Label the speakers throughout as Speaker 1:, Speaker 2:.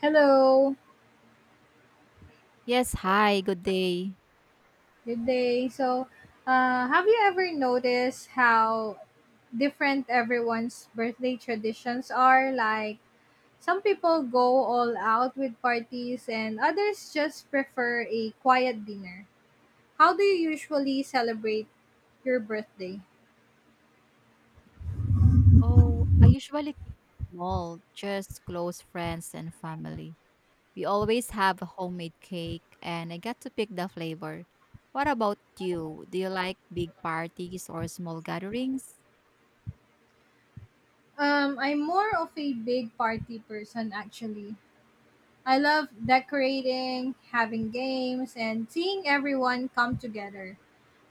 Speaker 1: Hello,
Speaker 2: Yes, hi, good day.
Speaker 1: good day. Have you ever noticed how different everyone's birthday traditions are? Some people go all out with parties, and others just prefer a quiet dinner. How do you usually celebrate your birthday?
Speaker 2: Oh, I usually keep it small, just close friends and family. We always have a homemade cake and I get to pick the flavor. What about you? Do you like big parties or small gatherings?
Speaker 1: I'm more of a big party person, actually. I love decorating, having games, and seeing everyone come together.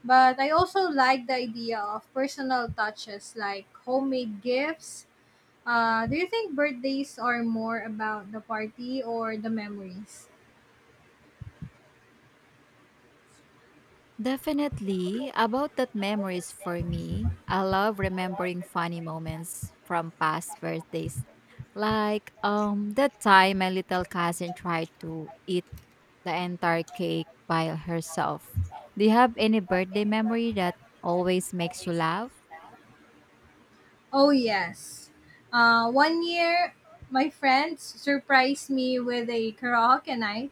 Speaker 1: But I also like the idea of personal touches like homemade gifts. Do you think birthdays are more about the party or the memories?
Speaker 2: Definitely. About that memories for me, I love remembering funny moments from past birthdays. Like that time my little cousin tried to eat the entire cake by herself. Do you have any birthday memory that always makes you laugh?
Speaker 1: Oh, yes. One year, my friends surprised me with a karaoke night,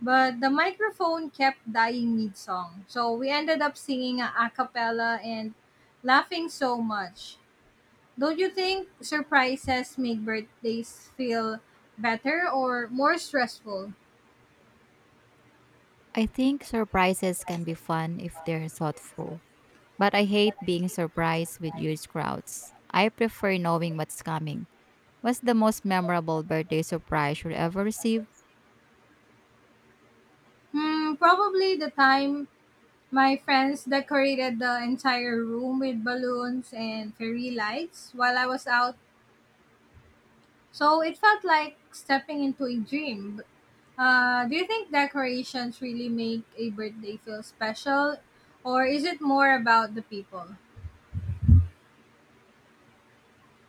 Speaker 1: but the microphone kept dying mid song. So we ended up singing a cappella and laughing so much. Don't you think surprises make birthdays feel better or more stressful?
Speaker 2: I think surprises can be fun if they're thoughtful, but I hate being surprised with huge crowds. I prefer knowing what's coming. What's the most memorable birthday surprise you ever received?
Speaker 1: Hmm, probably the time my friends decorated the entire room with balloons and fairy lights while I was out. So it felt like stepping into a dream. Do you think decorations really make a birthday feel special or is it more about the people?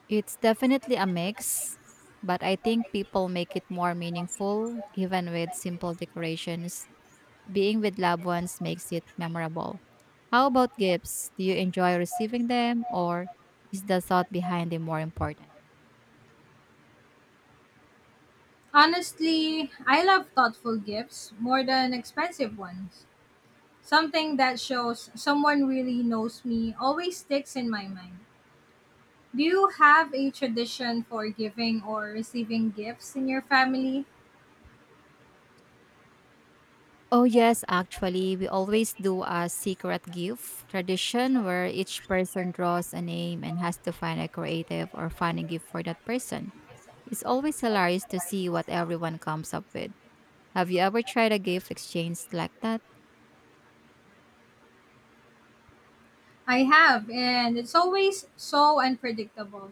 Speaker 2: It's definitely a mix, but I think people make it more meaningful even with simple decorations. Being with loved ones makes it memorable. How about gifts? Do you enjoy receiving them or is the thought behind them more important?
Speaker 1: Honestly, I love thoughtful gifts more than expensive ones. Something that shows someone really knows me always sticks in my mind. Do you have a tradition for giving or receiving gifts in your family?
Speaker 2: Oh, yes, actually, we always do a secret gift tradition where each person draws a name and has to find a creative or funny gift for that person. It's always hilarious to see what everyone comes up with. Have you ever tried a gift exchange like that?
Speaker 1: I have, and it's always so unpredictable.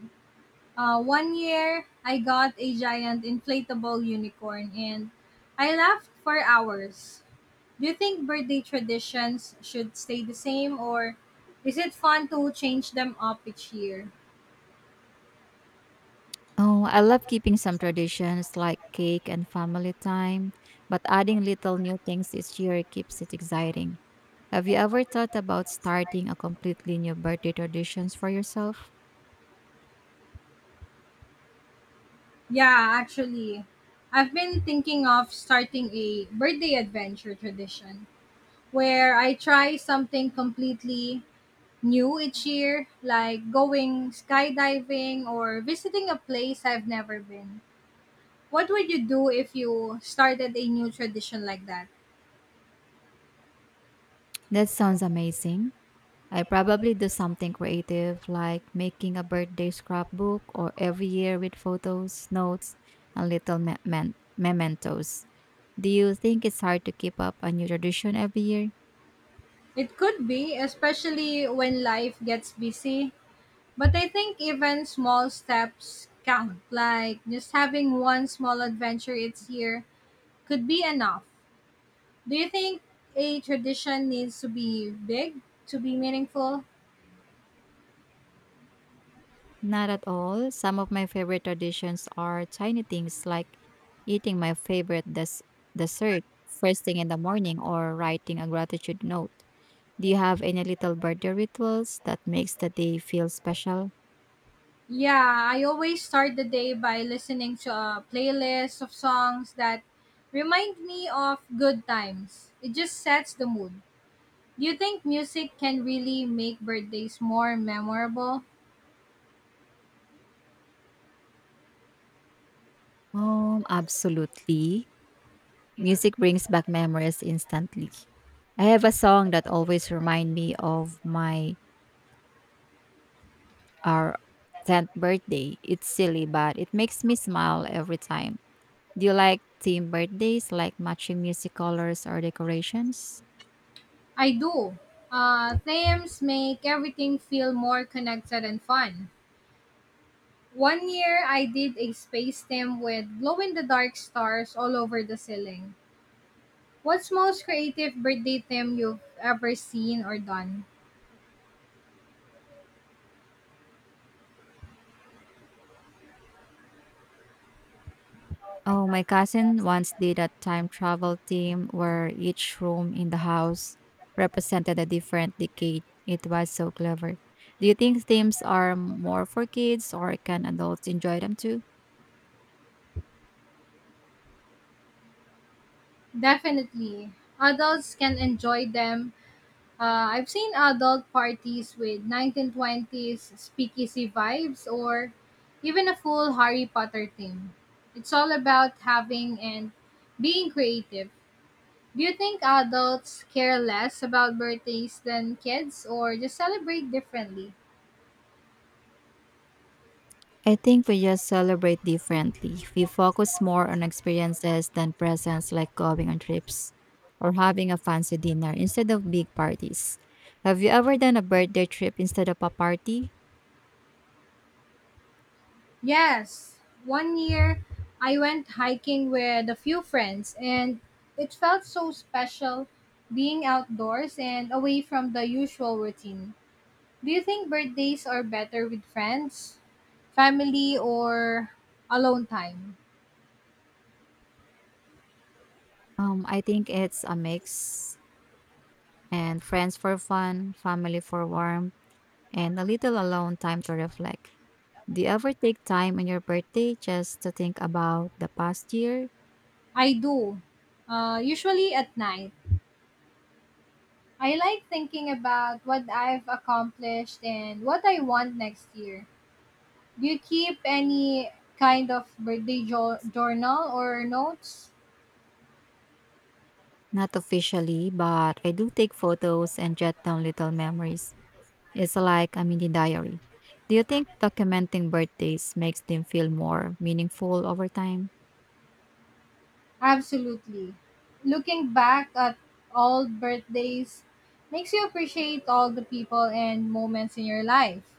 Speaker 1: One year, I got a giant inflatable unicorn, and I laughed for hours. Do you think birthday traditions should stay the same, or is it fun to change them up each year?
Speaker 2: Oh, I love keeping some traditions like cake and family time, but adding little new things each year keeps it exciting. Have you ever thought about starting a completely new birthday traditions for yourself?
Speaker 1: Yeah, actually, I've been thinking of starting a birthday adventure tradition where I try something completely new each year, like going skydiving or visiting a place I've never been. What would you do if you started a new tradition like that?
Speaker 2: That sounds amazing. I probably do something creative like making a birthday scrapbook or every year with photos, notes, and mementos. Do you think it's hard to keep up a new tradition every year?
Speaker 1: It could be, especially when life gets busy, but I think even small steps count, like just having one small adventure each year could be enough. Do you think a tradition needs to be big to be meaningful?
Speaker 2: Not at all. Some of my favorite traditions are tiny things like eating my favorite dessert first thing in the morning or writing a gratitude note. Do you have any little birthday rituals that makes the day feel special?
Speaker 1: Yeah, I always start the day by listening to a playlist of songs that remind me of good times. It just sets the mood. Do you think music can really make birthdays more memorable?
Speaker 2: Absolutely. Music brings back memories instantly. I have a song that always remind me of my our 10th birthday. It's silly, but it makes me smile every time. Do you like theme birthdays like matching music colors or decorations?
Speaker 1: I do. Themes make everything feel more connected and fun. One year I did a space theme with glow in the dark stars all over the ceiling. What's most creative birthday theme you've ever seen or done?
Speaker 2: Oh, my cousin once did a time travel theme where each room in the house represented a different decade. It was so clever. Do you think themes are more for kids or can adults enjoy them too?
Speaker 1: Definitely. Adults can enjoy them. I've seen adult parties with 1920s speakeasy vibes or even a full Harry Potter theme. It's all about having and being creative. Do you think adults care less about birthdays than kids or just celebrate differently?
Speaker 2: I think we just celebrate differently. We focus more on experiences than presents like going on trips or having a fancy dinner instead of big parties. Have you ever done a birthday trip instead of a party?
Speaker 1: Yes, one year I went hiking with a few friends, and it felt so special being outdoors and away from the usual routine. Do you think birthdays are better with friends, family, or alone time?
Speaker 2: I think it's a mix, and friends for fun, family for warmth, and a little alone time to reflect. Do you ever take time on your birthday just to think about the past year?
Speaker 1: I do. Usually at night. I like thinking about what I've accomplished and what I want next year. Do you keep any kind of birthday journal or notes?
Speaker 2: Not officially, but I do take photos and jot down little memories. It's like a mini diary. Do you think documenting birthdays makes them feel more meaningful over time?
Speaker 1: Absolutely. Looking back at old birthdays makes you appreciate all the people and moments in your life.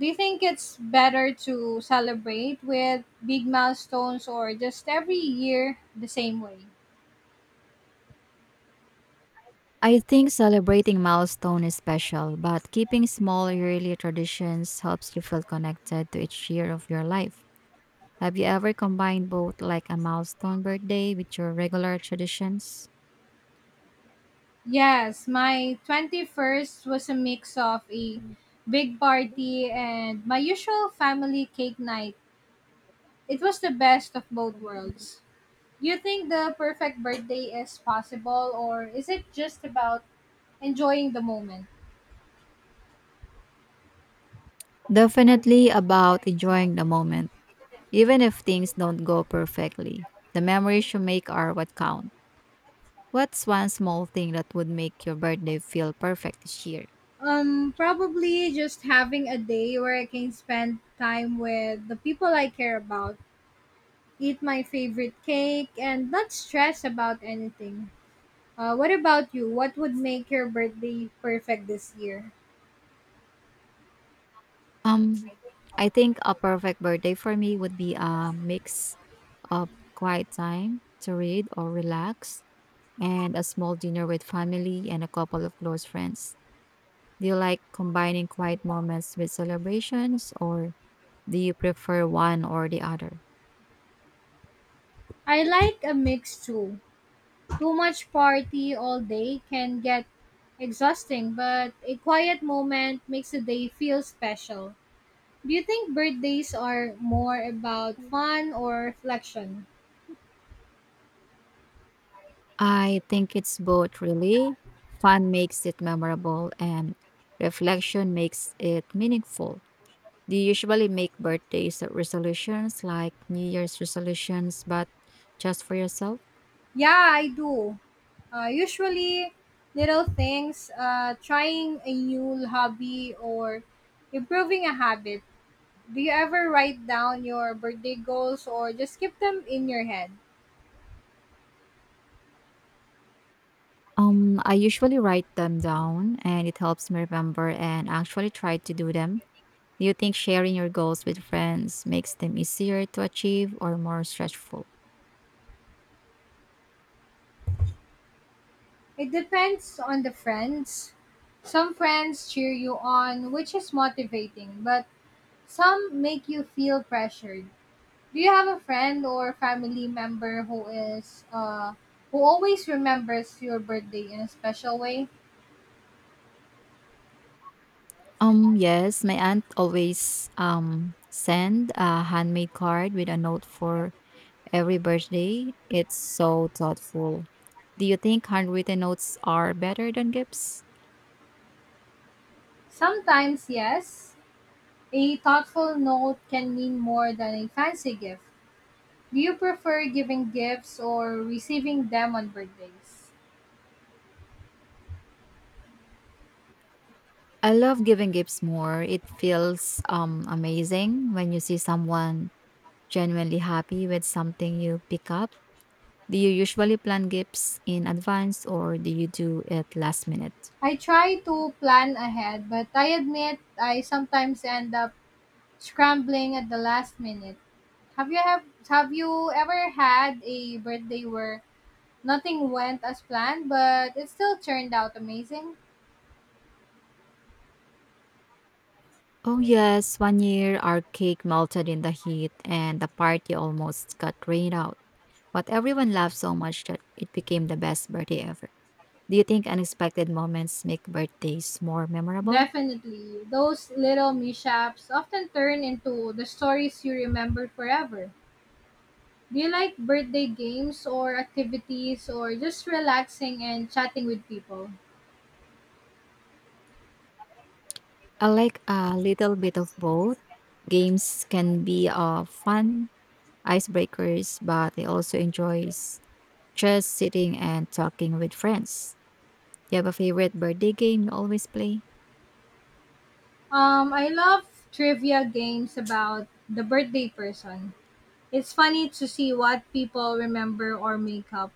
Speaker 1: Do you think it's better to celebrate with big milestones or just every year the same way?
Speaker 2: I think celebrating milestone is special, but keeping small yearly traditions helps you feel connected to each year of your life. Have you ever combined both, like a milestone birthday with your regular traditions?
Speaker 1: Yes, my 21st was a mix of a big party and my usual family cake night. It was the best of both worlds. Do you think the perfect birthday is possible or is it just about enjoying the moment?
Speaker 2: Definitely about enjoying the moment, even if things don't go perfectly. The memories you make are what count. What's one small thing that would make your birthday feel perfect this year?
Speaker 1: Probably just having a day where I can spend time with the people I care about, eat my favorite cake, and not stress about anything. What about you? What would make your birthday perfect this year?
Speaker 2: Um, I think a perfect birthday for me would be a mix of quiet time to read or relax and a small dinner with family and a couple of close friends. Do you like combining quiet moments with celebrations or do you prefer one or the other?
Speaker 1: I like a mix too. Too much party all day can get exhausting, but a quiet moment makes the day feel special. Do you think birthdays are more about fun or reflection?
Speaker 2: I think it's both really. Fun makes it memorable and reflection makes it meaningful. Do you usually make birthdays resolutions like New Year's resolutions but just for yourself?
Speaker 1: Yeah, I do. Usually, little things, trying a new hobby or improving a habit. Do you ever write down your birthday goals or just keep them in your head?
Speaker 2: I usually write them down and it helps me remember and actually try to do them. Do you think sharing your goals with friends makes them easier to achieve or more stressful?
Speaker 1: It depends on the friends. Some friends cheer you on, which is motivating, but some make you feel pressured. Do you have a friend or family member who is who always remembers your birthday in a special way?
Speaker 2: Yes, my aunt always send a handmade card with a note for every birthday. It's so thoughtful. Do you think handwritten notes are better than gifts?
Speaker 1: Sometimes, yes. A thoughtful note can mean more than a fancy gift. Do you prefer giving gifts or receiving them on birthdays?
Speaker 2: I love giving gifts more. It feels amazing when you see someone genuinely happy with something you pick up. Do you usually plan gifts in advance or do you do it last minute?
Speaker 1: I try to plan ahead, but I admit I sometimes end up scrambling at the last minute. Have you have have you ever had a birthday where nothing went as planned, but it still turned out amazing?
Speaker 2: Oh, yes, one year our cake melted in the heat and the party almost got rained out. But everyone laughed so much that it became the best birthday ever. Do you think unexpected moments make birthdays more memorable?
Speaker 1: Definitely. Those little mishaps often turn into the stories you remember forever. Do you like birthday games or activities or just relaxing and chatting with people?
Speaker 2: I like a little bit of both. Games can be fun icebreakers, but I also enjoy just sitting and talking with friends. Do you have a favorite birthday game you always play?
Speaker 1: I love trivia games about the birthday person. It's funny to see what people remember or make up.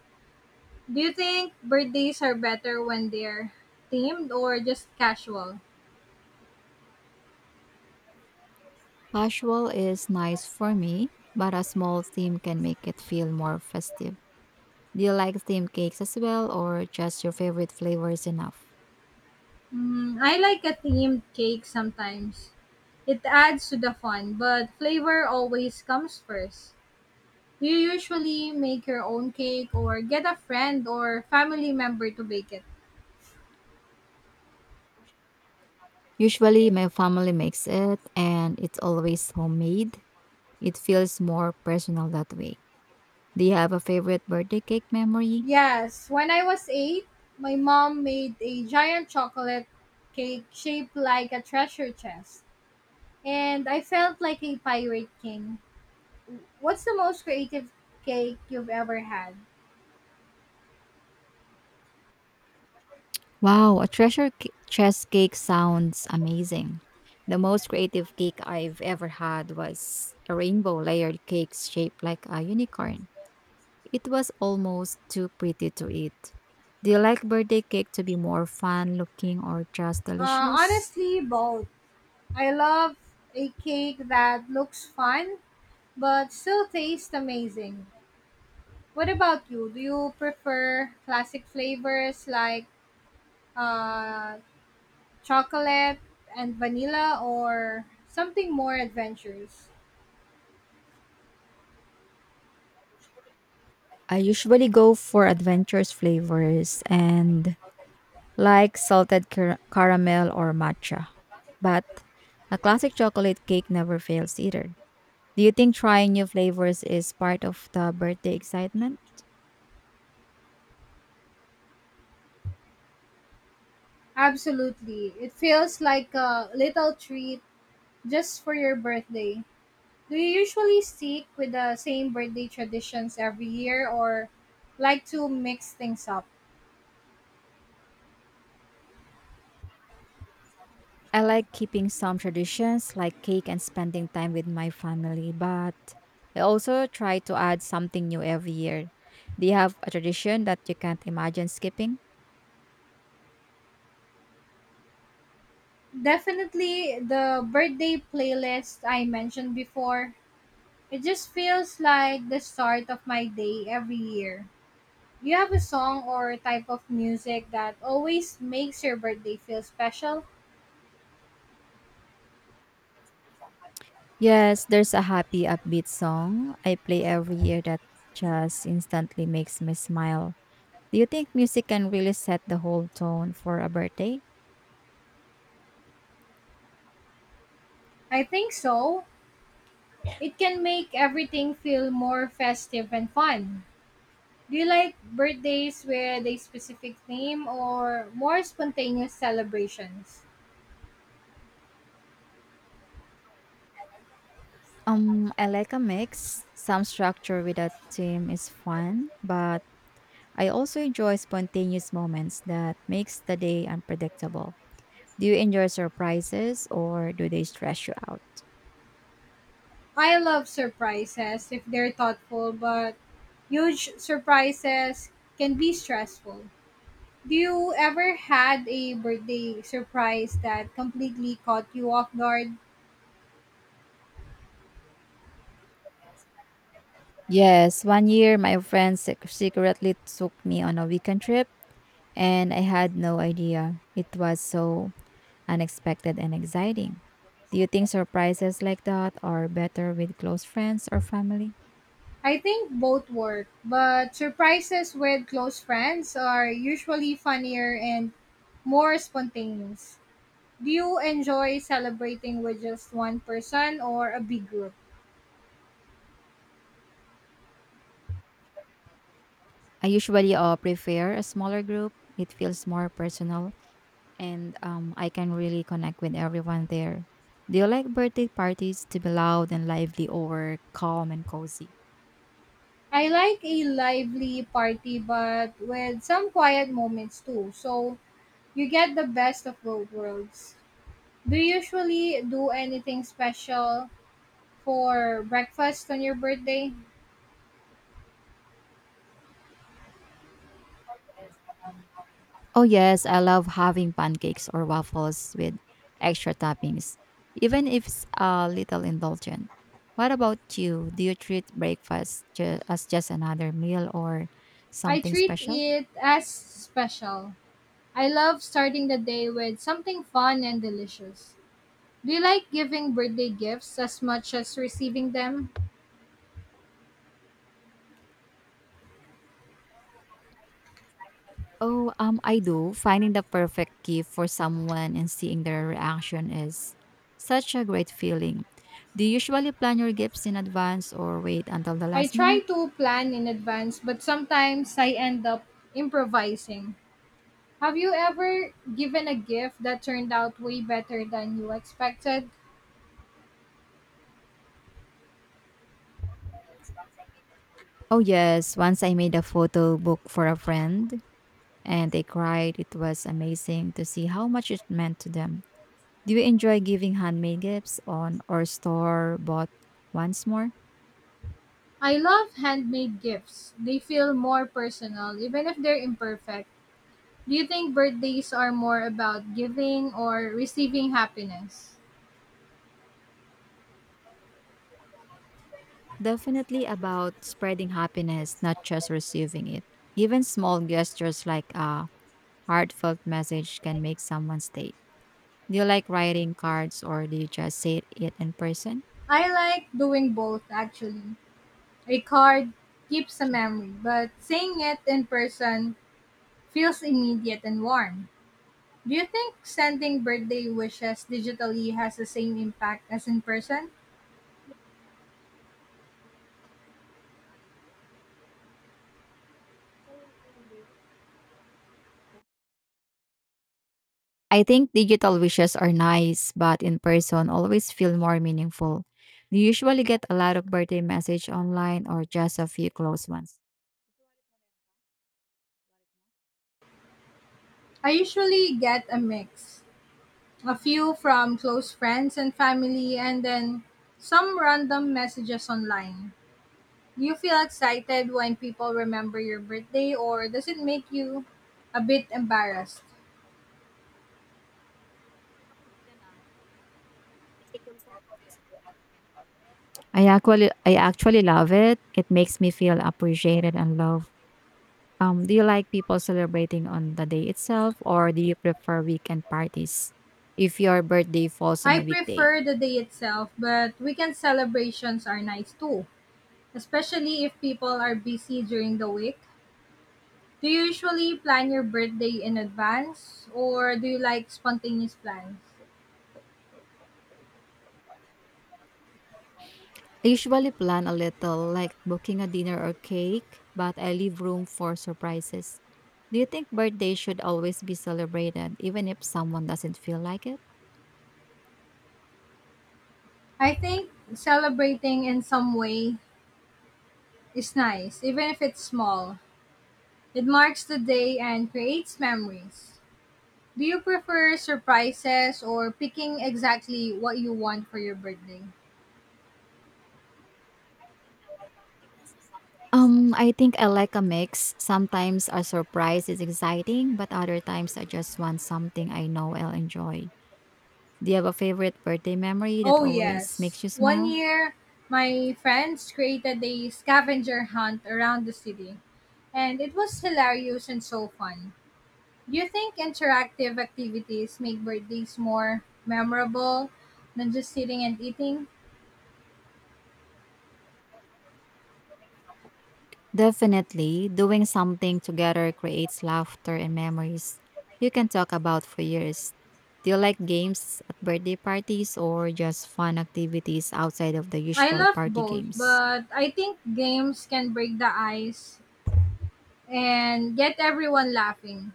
Speaker 1: Do you think birthdays are better when they're themed or just casual?
Speaker 2: Casual is nice for me, but a small theme can make it feel more festive. Do you like theme cakes as well, or just your favorite flavors enough?
Speaker 1: Mm, I like a themed cake sometimes. It adds to the fun, but flavor always comes first. You usually make your own cake or get a friend or family member to bake it.
Speaker 2: Usually, my family makes it, and it's always homemade. It feels more personal that way. Do you have a favorite birthday cake memory?
Speaker 1: Yes, when I was 8, my mom made a giant chocolate cake shaped like a treasure chest, and I felt like a pirate king. What's the most creative cake you've ever had?
Speaker 2: Wow, a chest cake sounds amazing. The most creative cake I've ever had was a rainbow layered cake shaped like a unicorn. It was almost too pretty to eat. Do you like birthday cake to be more fun looking or just delicious?
Speaker 1: Honestly, both. I love a cake that looks fun but still tastes amazing. What about you? Do you prefer classic flavors like uh, chocolate and vanilla or something more adventurous?
Speaker 2: I usually go for adventurous flavors and like caramel or matcha. But a classic chocolate cake never fails either. Do you think trying new flavors is part of the birthday excitement?
Speaker 1: Absolutely. It feels like a little treat just for your birthday. Do you usually stick with the same birthday traditions every year or like to mix things up?
Speaker 2: I like keeping some traditions like cake and spending time with my family, but I also try to add something new every year. Do you have a tradition that you can't imagine skipping?
Speaker 1: Definitely the birthday playlist I mentioned before. It just feels like the start of my day every year. Do you have a song or type of music that always makes your birthday feel special?
Speaker 2: Yes, there's a happy upbeat song I play every year that just instantly makes me smile. Do you think music can really set the whole tone for a birthday?
Speaker 1: I think so. It can make everything feel more festive and fun. Do you like birthdays with a specific theme or more spontaneous celebrations?
Speaker 2: I like a mix. Some structure with a theme is fun, but I also enjoy spontaneous moments that makes the day unpredictable. Do you enjoy surprises or do they stress you out?
Speaker 1: I love surprises if they're thoughtful, but huge surprises can be stressful. Do you ever had a birthday surprise that completely caught you off guard?
Speaker 2: Yes, one year my friend secretly took me on a weekend trip and I had no idea. It was so unexpected and exciting. Do you think surprises like that are better with close friends or family?
Speaker 1: I think both work, but surprises with close friends are usually funnier and more spontaneous. Do you enjoy celebrating with just one person or a big group?
Speaker 2: I usually prefer a smaller group. It feels more personal and I can really connect with everyone there. Do you like birthday parties to be loud and lively or calm and cozy?
Speaker 1: I like a lively party, but with some quiet moments too, so you get the best of both worlds. Do you usually do anything special for breakfast on your birthday?
Speaker 2: Oh, yes, I love having pancakes or waffles with extra toppings, even if it's a little indulgent. What about you? Do you treat breakfast as just another meal or
Speaker 1: I
Speaker 2: something
Speaker 1: treat
Speaker 2: special?
Speaker 1: it as special. I love starting the day with something fun and delicious. Do you like giving birthday gifts as much as receiving them?
Speaker 2: Oh, I do. Finding the perfect gift for someone and seeing their reaction is such a great feeling. Do you usually plan your gifts in advance or wait until the
Speaker 1: I
Speaker 2: last
Speaker 1: try
Speaker 2: minute?
Speaker 1: to plan in advance, but sometimes I end up improvising. Have you ever given a gift that turned out way better than you expected?
Speaker 2: Oh, yes. Once I made a photo book for a friend and they cried. It was amazing to see how much it meant to them. Do you enjoy giving handmade gifts on or store bought once more?
Speaker 1: I love handmade gifts. They feel more personal, even if they're imperfect. Do you think birthdays are more about giving or receiving happiness?
Speaker 2: Definitely about spreading happiness, not just receiving it. Even small gestures like a heartfelt message can make someone's day. Do you like writing cards or do you just say it in person?
Speaker 1: I like doing both actually. A card keeps a memory, but saying it in person feels immediate and warm. Do you think sending birthday wishes digitally has the same impact as in person?
Speaker 2: I think digital wishes are nice, but in person always feel more meaningful. Do you usually get a lot of birthday message online or just a few close ones?
Speaker 1: I usually get a mix. A few from close friends and family, and then some random messages online. Do you feel excited when people remember your birthday, or does it make you a bit embarrassed?
Speaker 2: I actually love it. It makes me feel appreciated and loved. Do you like people celebrating on the day itself or do you prefer weekend parties if your birthday falls on
Speaker 1: I
Speaker 2: a weekday?
Speaker 1: prefer the day itself, but weekend celebrations are nice too, especially if people are busy during the week. Do you usually plan your birthday in advance or do you like spontaneous plans?
Speaker 2: I usually plan a little, like booking a dinner or cake, but I leave room for surprises. Do you think birthdays should always be celebrated, even if someone doesn't feel like it?
Speaker 1: I think celebrating in some way is nice, even if it's small. It marks the day and creates memories. Do you prefer surprises or picking exactly what you want for your birthday?
Speaker 2: I think I like a mix. Sometimes a surprise is exciting, but other times I just want something I know I'll enjoy. Do you have a favorite birthday memory that
Speaker 1: Oh,
Speaker 2: always
Speaker 1: yes.
Speaker 2: makes you
Speaker 1: One
Speaker 2: smile?
Speaker 1: year, my friends created a scavenger hunt around the city, and it was hilarious and so fun. Do you think interactive activities make birthdays more memorable than just sitting and eating?
Speaker 2: Definitely, doing something together creates laughter and memories you can talk about for years. Do you like games at birthday parties or just fun activities outside of the
Speaker 1: I
Speaker 2: usual
Speaker 1: love
Speaker 2: party
Speaker 1: both,
Speaker 2: games?
Speaker 1: but I think games can break the ice and get everyone laughing.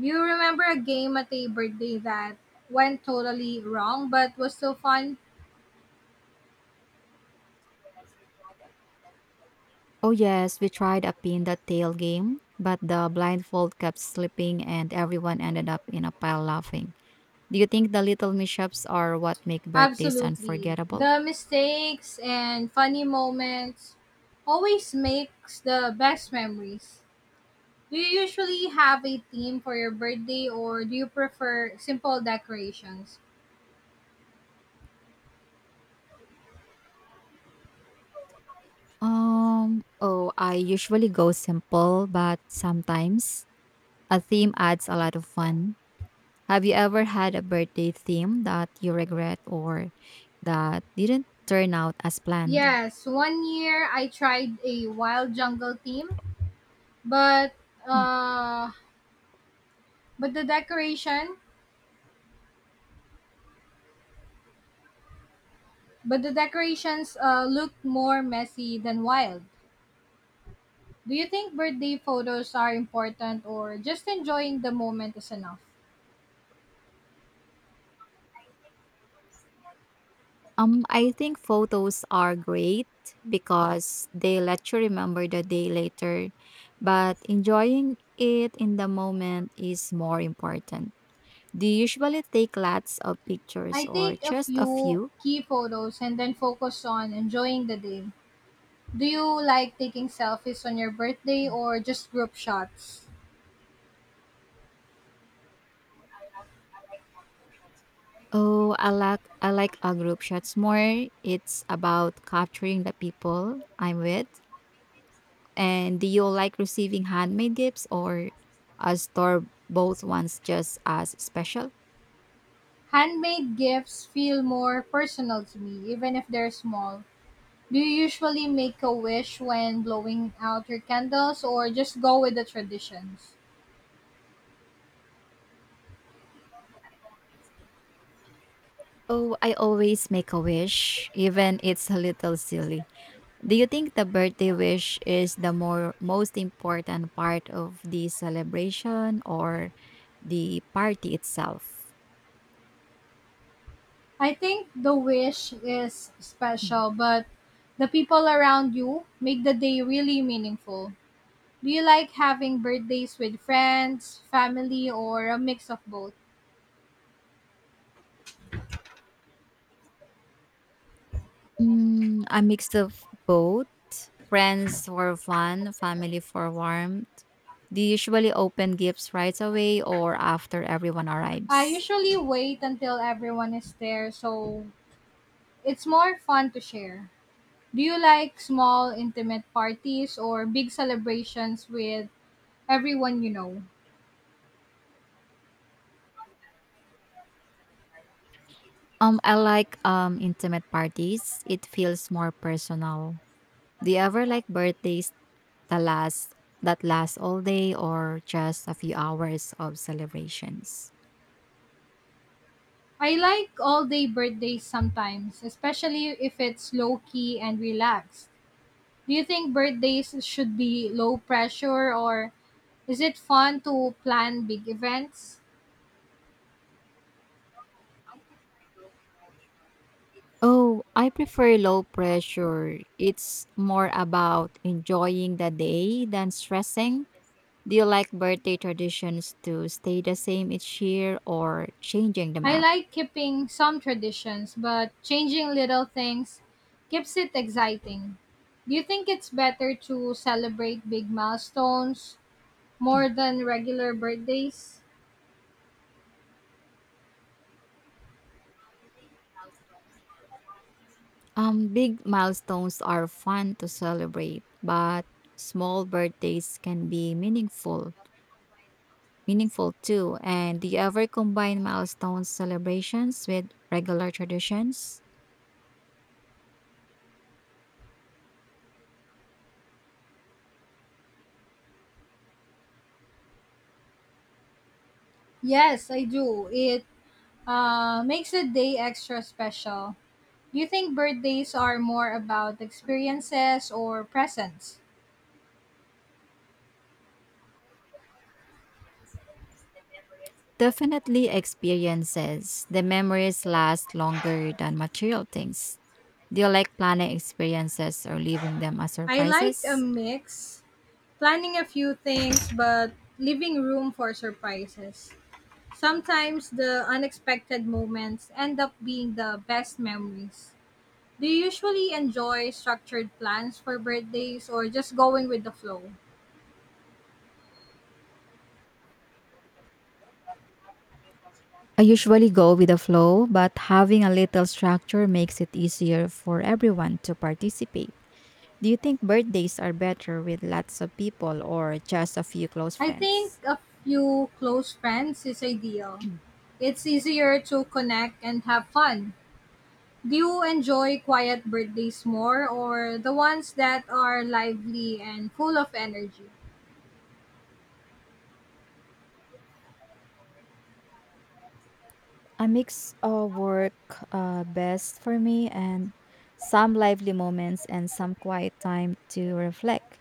Speaker 1: Do you remember a game at a birthday that went totally wrong but was still fun?
Speaker 2: Oh, yes, we tried a pin the tail game, but the blindfold kept slipping and everyone ended up in a pile laughing. Do you think the little mishaps are what make birthdays
Speaker 1: Absolutely.
Speaker 2: unforgettable?
Speaker 1: The mistakes and funny moments always makes the best memories. Do you usually have a theme for your birthday or do you prefer simple decorations?
Speaker 2: Oh, I usually go simple, but sometimes a theme adds a lot of fun. Have you ever had a birthday theme that you regret or that didn't turn out as planned?
Speaker 1: Yes, one year I tried a wild jungle theme, but
Speaker 2: Mm.
Speaker 1: uh but the decoration, but the decorations look more messy than wild. Do you think birthday photos are important or just enjoying the moment is enough?
Speaker 2: I think photos are great because they let you remember the day later, but enjoying it in the moment is more important. Do you usually take lots of pictures
Speaker 1: I
Speaker 2: or
Speaker 1: take a
Speaker 2: just a
Speaker 1: few
Speaker 2: few?
Speaker 1: key photos and then focus on enjoying the day. Do you like taking selfies on your birthday or just group shots?
Speaker 2: Oh, I like a group shots more. It's about capturing the people I'm with. And do you like receiving handmade gifts or a store both ones just as special?
Speaker 1: Handmade gifts feel more personal to me, even if they're small. Do you usually make a wish when blowing out your candles or just go with the traditions?
Speaker 2: Oh, I always make a wish, even it's a little silly. Do you think the birthday wish is the more most important part of the celebration or the party itself?
Speaker 1: I think the wish is
Speaker 2: Mhm.
Speaker 1: special, but the people around you make the day really meaningful. Do you like having birthdays with friends, family, or a mix of both?
Speaker 2: Mm, a mix of both. Friends for fun, family for warmth. Do you usually open gifts right away or after everyone
Speaker 1: I
Speaker 2: arrives?
Speaker 1: usually wait until everyone is there, so it's more fun to share. Do you like small, intimate parties or big celebrations with everyone you know?
Speaker 2: I like intimate parties. It feels more personal. Do you ever like birthdays that last that last all day or just a few hours of celebrations?
Speaker 1: I like all day birthdays sometimes, especially if it's low key and relaxed. Do you think birthdays should be low pressure or is it fun to plan big events?
Speaker 2: Oh, I prefer low pressure. It's more about enjoying the day than stressing. Do you like birthday traditions to stay the same each year or changing them
Speaker 1: I
Speaker 2: up?
Speaker 1: like keeping some traditions, but changing little things keeps it exciting. Do you think it's better to celebrate big milestones more than regular birthdays?
Speaker 2: Big milestones are fun to celebrate, but small birthdays can be meaningful too. And the ever combine milestone celebrations with regular traditions?
Speaker 1: Yes, I do. It makes a day extra special. Do you think birthdays are more about experiences or presents?
Speaker 2: Definitely experiences. The memories last longer than material things. Do you like planning experiences or leaving them as
Speaker 1: I like a
Speaker 2: surprises?
Speaker 1: mix, planning a few things, but leaving room for surprises. Sometimes the unexpected moments end up being the best memories. Do you usually enjoy structured plans for birthdays or just going with the flow?
Speaker 2: I usually go with the flow, but having a little structure makes it easier for everyone to participate. Do you think birthdays are better with lots of people or just a few close
Speaker 1: I think
Speaker 2: friends?
Speaker 1: a few close friends is ideal. It's easier to connect and have fun. Do you enjoy quiet birthdays more or the ones that are lively and full of energy?
Speaker 2: A mix of work best for me, and some lively moments and some quiet time to reflect.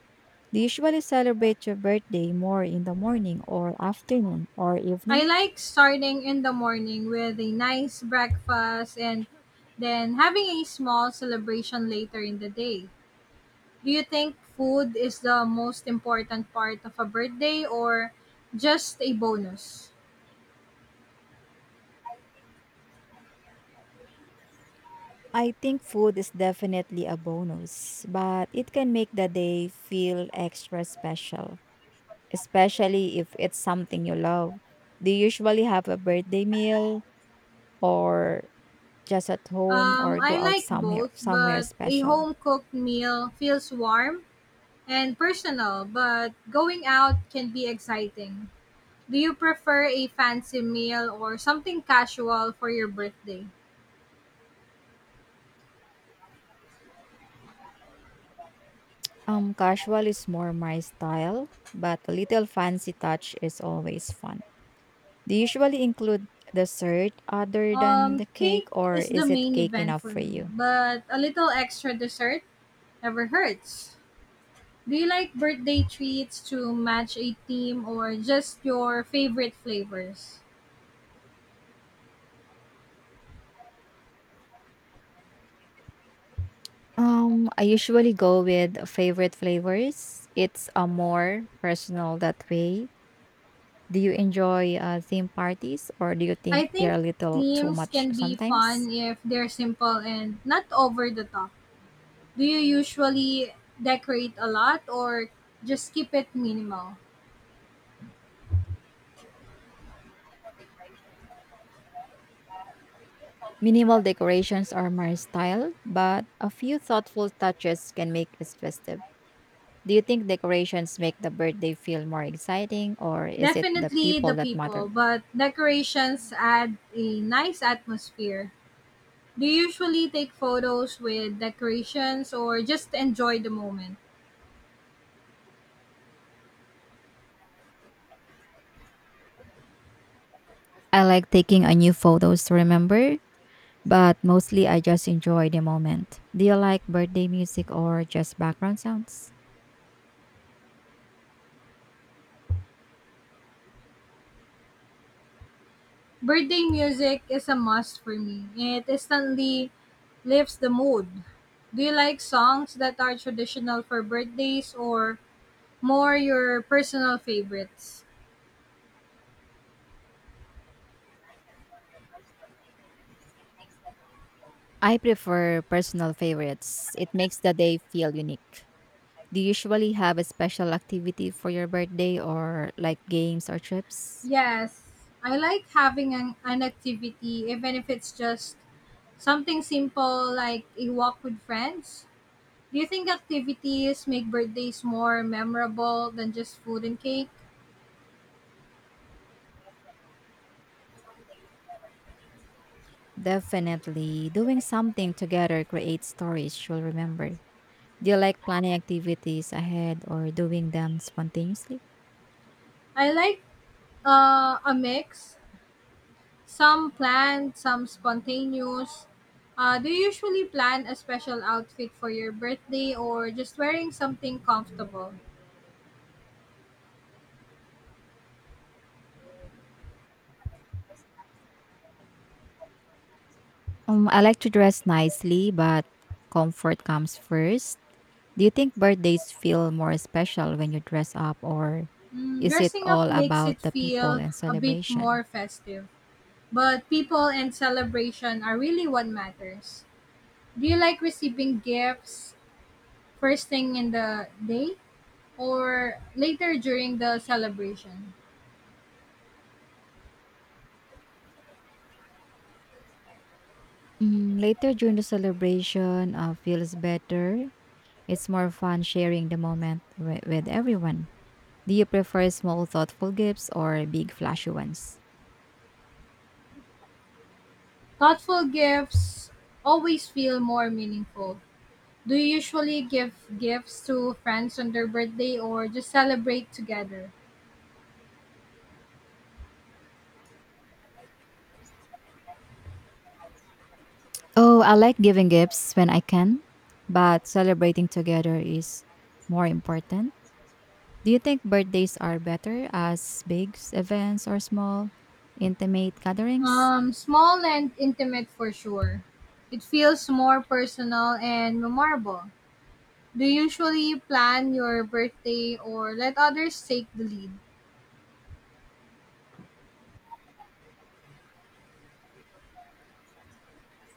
Speaker 2: Do you usually celebrate your birthday more in the morning or afternoon or
Speaker 1: I
Speaker 2: evening?
Speaker 1: like starting in the morning with a nice breakfast and then having a small celebration later in the day. Do you think food is the most important part of a birthday or just a bonus?
Speaker 2: I think food is definitely a bonus, but it can make the day feel extra special, especially if it's something you love. Do you usually have a birthday meal or just at home or go
Speaker 1: I
Speaker 2: out
Speaker 1: like
Speaker 2: somewhere
Speaker 1: both,
Speaker 2: somewhere
Speaker 1: but a
Speaker 2: special?
Speaker 1: home cooked meal feels warm and personal, but going out can be exciting. Do you prefer a fancy meal or something casual for your birthday?
Speaker 2: Casual is more my style, but a little fancy touch is always fun. Do you usually include dessert other than the cake,
Speaker 1: Cake
Speaker 2: or
Speaker 1: is the
Speaker 2: is it
Speaker 1: main
Speaker 2: cake
Speaker 1: event
Speaker 2: enough
Speaker 1: for
Speaker 2: for
Speaker 1: me,
Speaker 2: you?
Speaker 1: but a little extra dessert never hurts. Do you like birthday treats to match a theme or just your favorite flavors?
Speaker 2: I usually go with favorite flavors. It's a more personal that way. Do you enjoy theme parties, or do you think
Speaker 1: I
Speaker 2: they're
Speaker 1: think
Speaker 2: a little too
Speaker 1: themes
Speaker 2: much
Speaker 1: can be
Speaker 2: sometimes?
Speaker 1: fun if they're simple and not over the top. Do you usually decorate a lot or just keep it minimal?
Speaker 2: Minimal decorations are my style, but a few thoughtful touches can make it festive. Do you think decorations make the birthday feel more exciting, or is it the
Speaker 1: Definitely
Speaker 2: people
Speaker 1: the
Speaker 2: that matter
Speaker 1: people,
Speaker 2: more?
Speaker 1: but decorations add a nice atmosphere. Do you usually take photos with decorations or just enjoy the moment?
Speaker 2: I like taking a new photos to remember, but mostly I just enjoy the moment. Do you like birthday music or just background sounds?
Speaker 1: Birthday music is a must for me. It instantly lifts the mood. Do you like songs that are traditional for birthdays or more your personal favorites?
Speaker 2: I prefer personal favorites. It makes the day feel unique. Do you usually have a special activity for your birthday or like games or trips?
Speaker 1: Yes, I like having an activity, even if it's just something simple like a walk with friends. Do you think activities make birthdays more memorable than just food and cake?
Speaker 2: Definitely. Doing something together creates stories you'll remember. Do you like planning activities ahead or doing them spontaneously?
Speaker 1: I like a mix, some planned, some spontaneous. Do you usually plan a special outfit for your birthday or just wearing something comfortable?
Speaker 2: I like to dress nicely, but comfort comes first. Do you think birthdays feel more special when you dress up, or
Speaker 1: Mm,
Speaker 2: is it
Speaker 1: dressing up
Speaker 2: all
Speaker 1: makes it
Speaker 2: about the people
Speaker 1: feel
Speaker 2: and
Speaker 1: a bit
Speaker 2: celebration?
Speaker 1: more festive, but people and celebration are really what matters. Do you like receiving gifts first thing in the day or later during the celebration?
Speaker 2: Mm, later during the celebration, feels better. It's more fun sharing the moment with everyone. Do you prefer small, thoughtful gifts or big, flashy ones?
Speaker 1: Thoughtful gifts always feel more meaningful. Do you usually give gifts to friends on their birthday or just celebrate together?
Speaker 2: Oh, I like giving gifts when I can, but celebrating together is more important. Do you think birthdays are better as big events or small, intimate gatherings?
Speaker 1: Small and intimate for sure. It feels more personal and memorable. Do you usually plan your birthday or let others take the lead?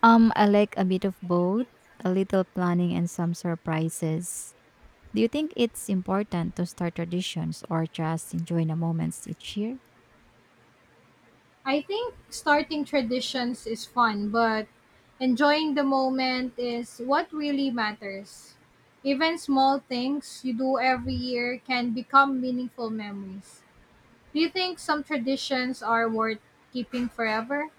Speaker 2: I like a bit of both, a little planning and some surprises. Do you think it's important to start traditions or just enjoy the moments each year?
Speaker 1: I think starting traditions is fun, but enjoying the moment is what really matters. Even small things you do every year can become meaningful memories. Do you think some traditions are worth keeping forever?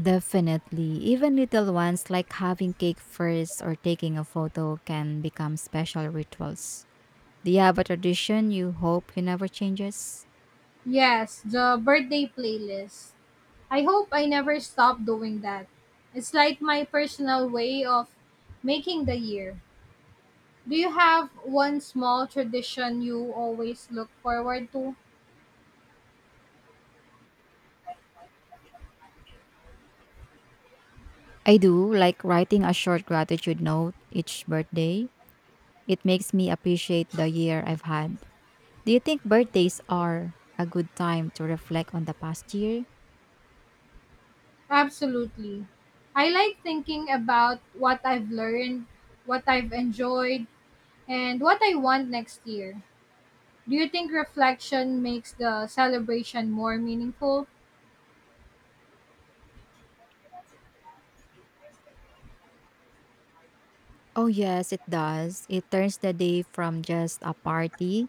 Speaker 2: Definitely. Even little ones like having cake first or taking a photo can become special rituals. Do you have a tradition you hope you never changes?
Speaker 1: Yes, the birthday playlist. I hope I never stop doing that. It's like my personal way of making the year. Do you have one small tradition you always look forward to?
Speaker 2: I do, like writing a short gratitude note each birthday. It makes me appreciate the year I've had. Do you think birthdays are a good time to reflect on the past year?
Speaker 1: Absolutely. I like thinking about what I've learned, what I've enjoyed, and what I want next year. Do you think reflection makes the celebration more meaningful?
Speaker 2: Oh, yes, it does. It turns the day from just a party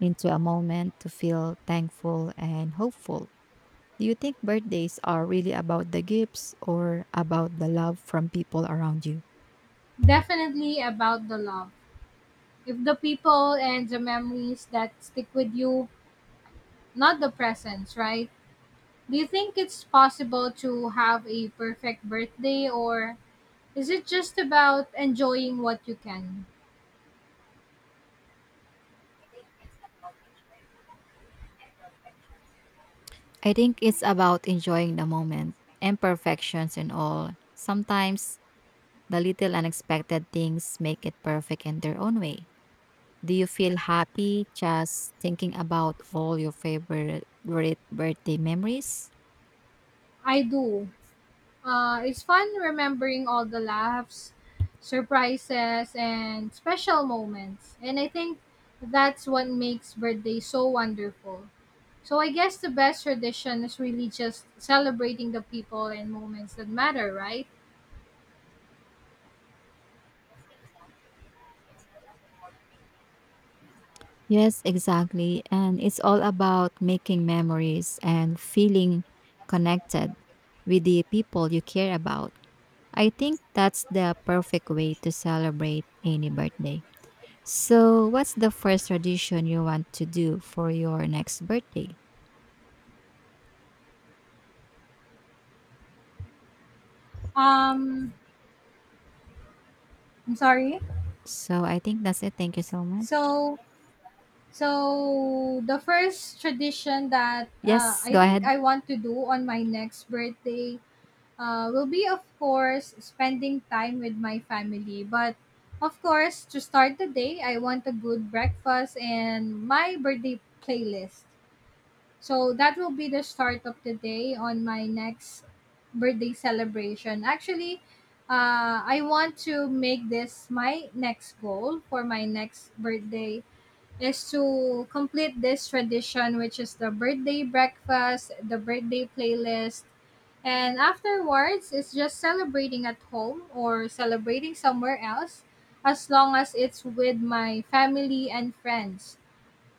Speaker 2: into a moment to feel thankful and hopeful. Do you think birthdays are really about the gifts or about the love from people around you?
Speaker 1: Definitely about the love. If the people and the memories that stick with you, not the presents, right? Do you think it's possible to have a perfect birthday or is it just about enjoying what you can?
Speaker 2: I think it's about enjoying the moment, imperfections and all. Sometimes the little unexpected things make it perfect in their own way. Do you feel happy just thinking about all your favorite great birthday memories?
Speaker 1: I do. It's fun remembering all the laughs, surprises, and special moments. And I think that's what makes birthday so wonderful. So I guess the best tradition is really just celebrating the people and moments that matter, right?
Speaker 2: Yes, exactly. And it's all about making memories and feeling connected with the people you care about. I think that's the perfect way to celebrate any birthday. So, what's the first tradition you want to do for your next birthday?
Speaker 1: Um, I'm sorry.
Speaker 2: So, I think that's it. Thank you so much.
Speaker 1: So, so the first tradition that
Speaker 2: Yes,
Speaker 1: I
Speaker 2: go
Speaker 1: think
Speaker 2: ahead.
Speaker 1: I want to do on my next birthday will be, of course, spending time with my family. But of course, to start the day, I want a good breakfast and my birthday playlist. So that will be the start of the day on my next birthday celebration. Actually, I want to make this my next goal for my next birthday is to complete this tradition, which is the birthday breakfast, the birthday playlist, and afterwards, it's just celebrating at home or celebrating somewhere else as long as it's with my family and friends.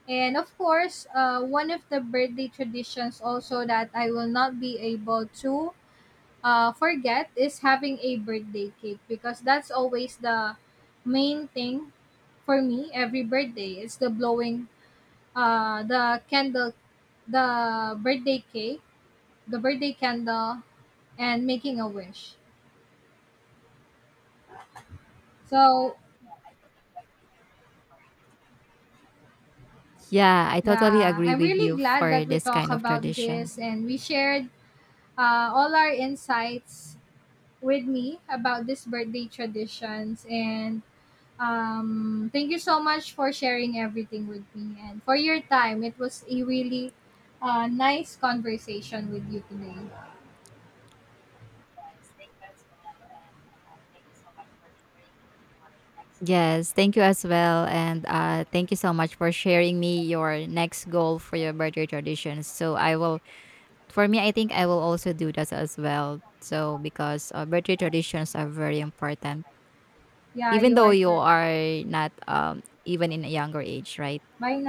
Speaker 1: And of course, one of the birthday traditions also that I will not be able to forget is having a birthday cake because that's always the main thing for me every birthday. It's the blowing the candle, the birthday cake, the birthday candle, and making a wish. So,
Speaker 2: Yeah, I totally
Speaker 1: yeah,
Speaker 2: agree
Speaker 1: I'm
Speaker 2: with
Speaker 1: really
Speaker 2: you
Speaker 1: glad
Speaker 2: for
Speaker 1: that we
Speaker 2: this
Speaker 1: talked
Speaker 2: kind of
Speaker 1: about
Speaker 2: tradition.
Speaker 1: this and we shared all our insights with me about this birthday traditions. And thank you so much for sharing everything with me and for your time. It was a really nice conversation with you today.
Speaker 2: Yes, thank you as well. And thank you so much for sharing me your next goal for your birthday traditions. So, I will, for me, I think I will also do that as well. So, because birthday traditions are very important.
Speaker 1: Yeah,
Speaker 2: Even
Speaker 1: you
Speaker 2: though
Speaker 1: are
Speaker 2: you
Speaker 1: correct.
Speaker 2: are not, even in a younger age, right?
Speaker 1: Bye.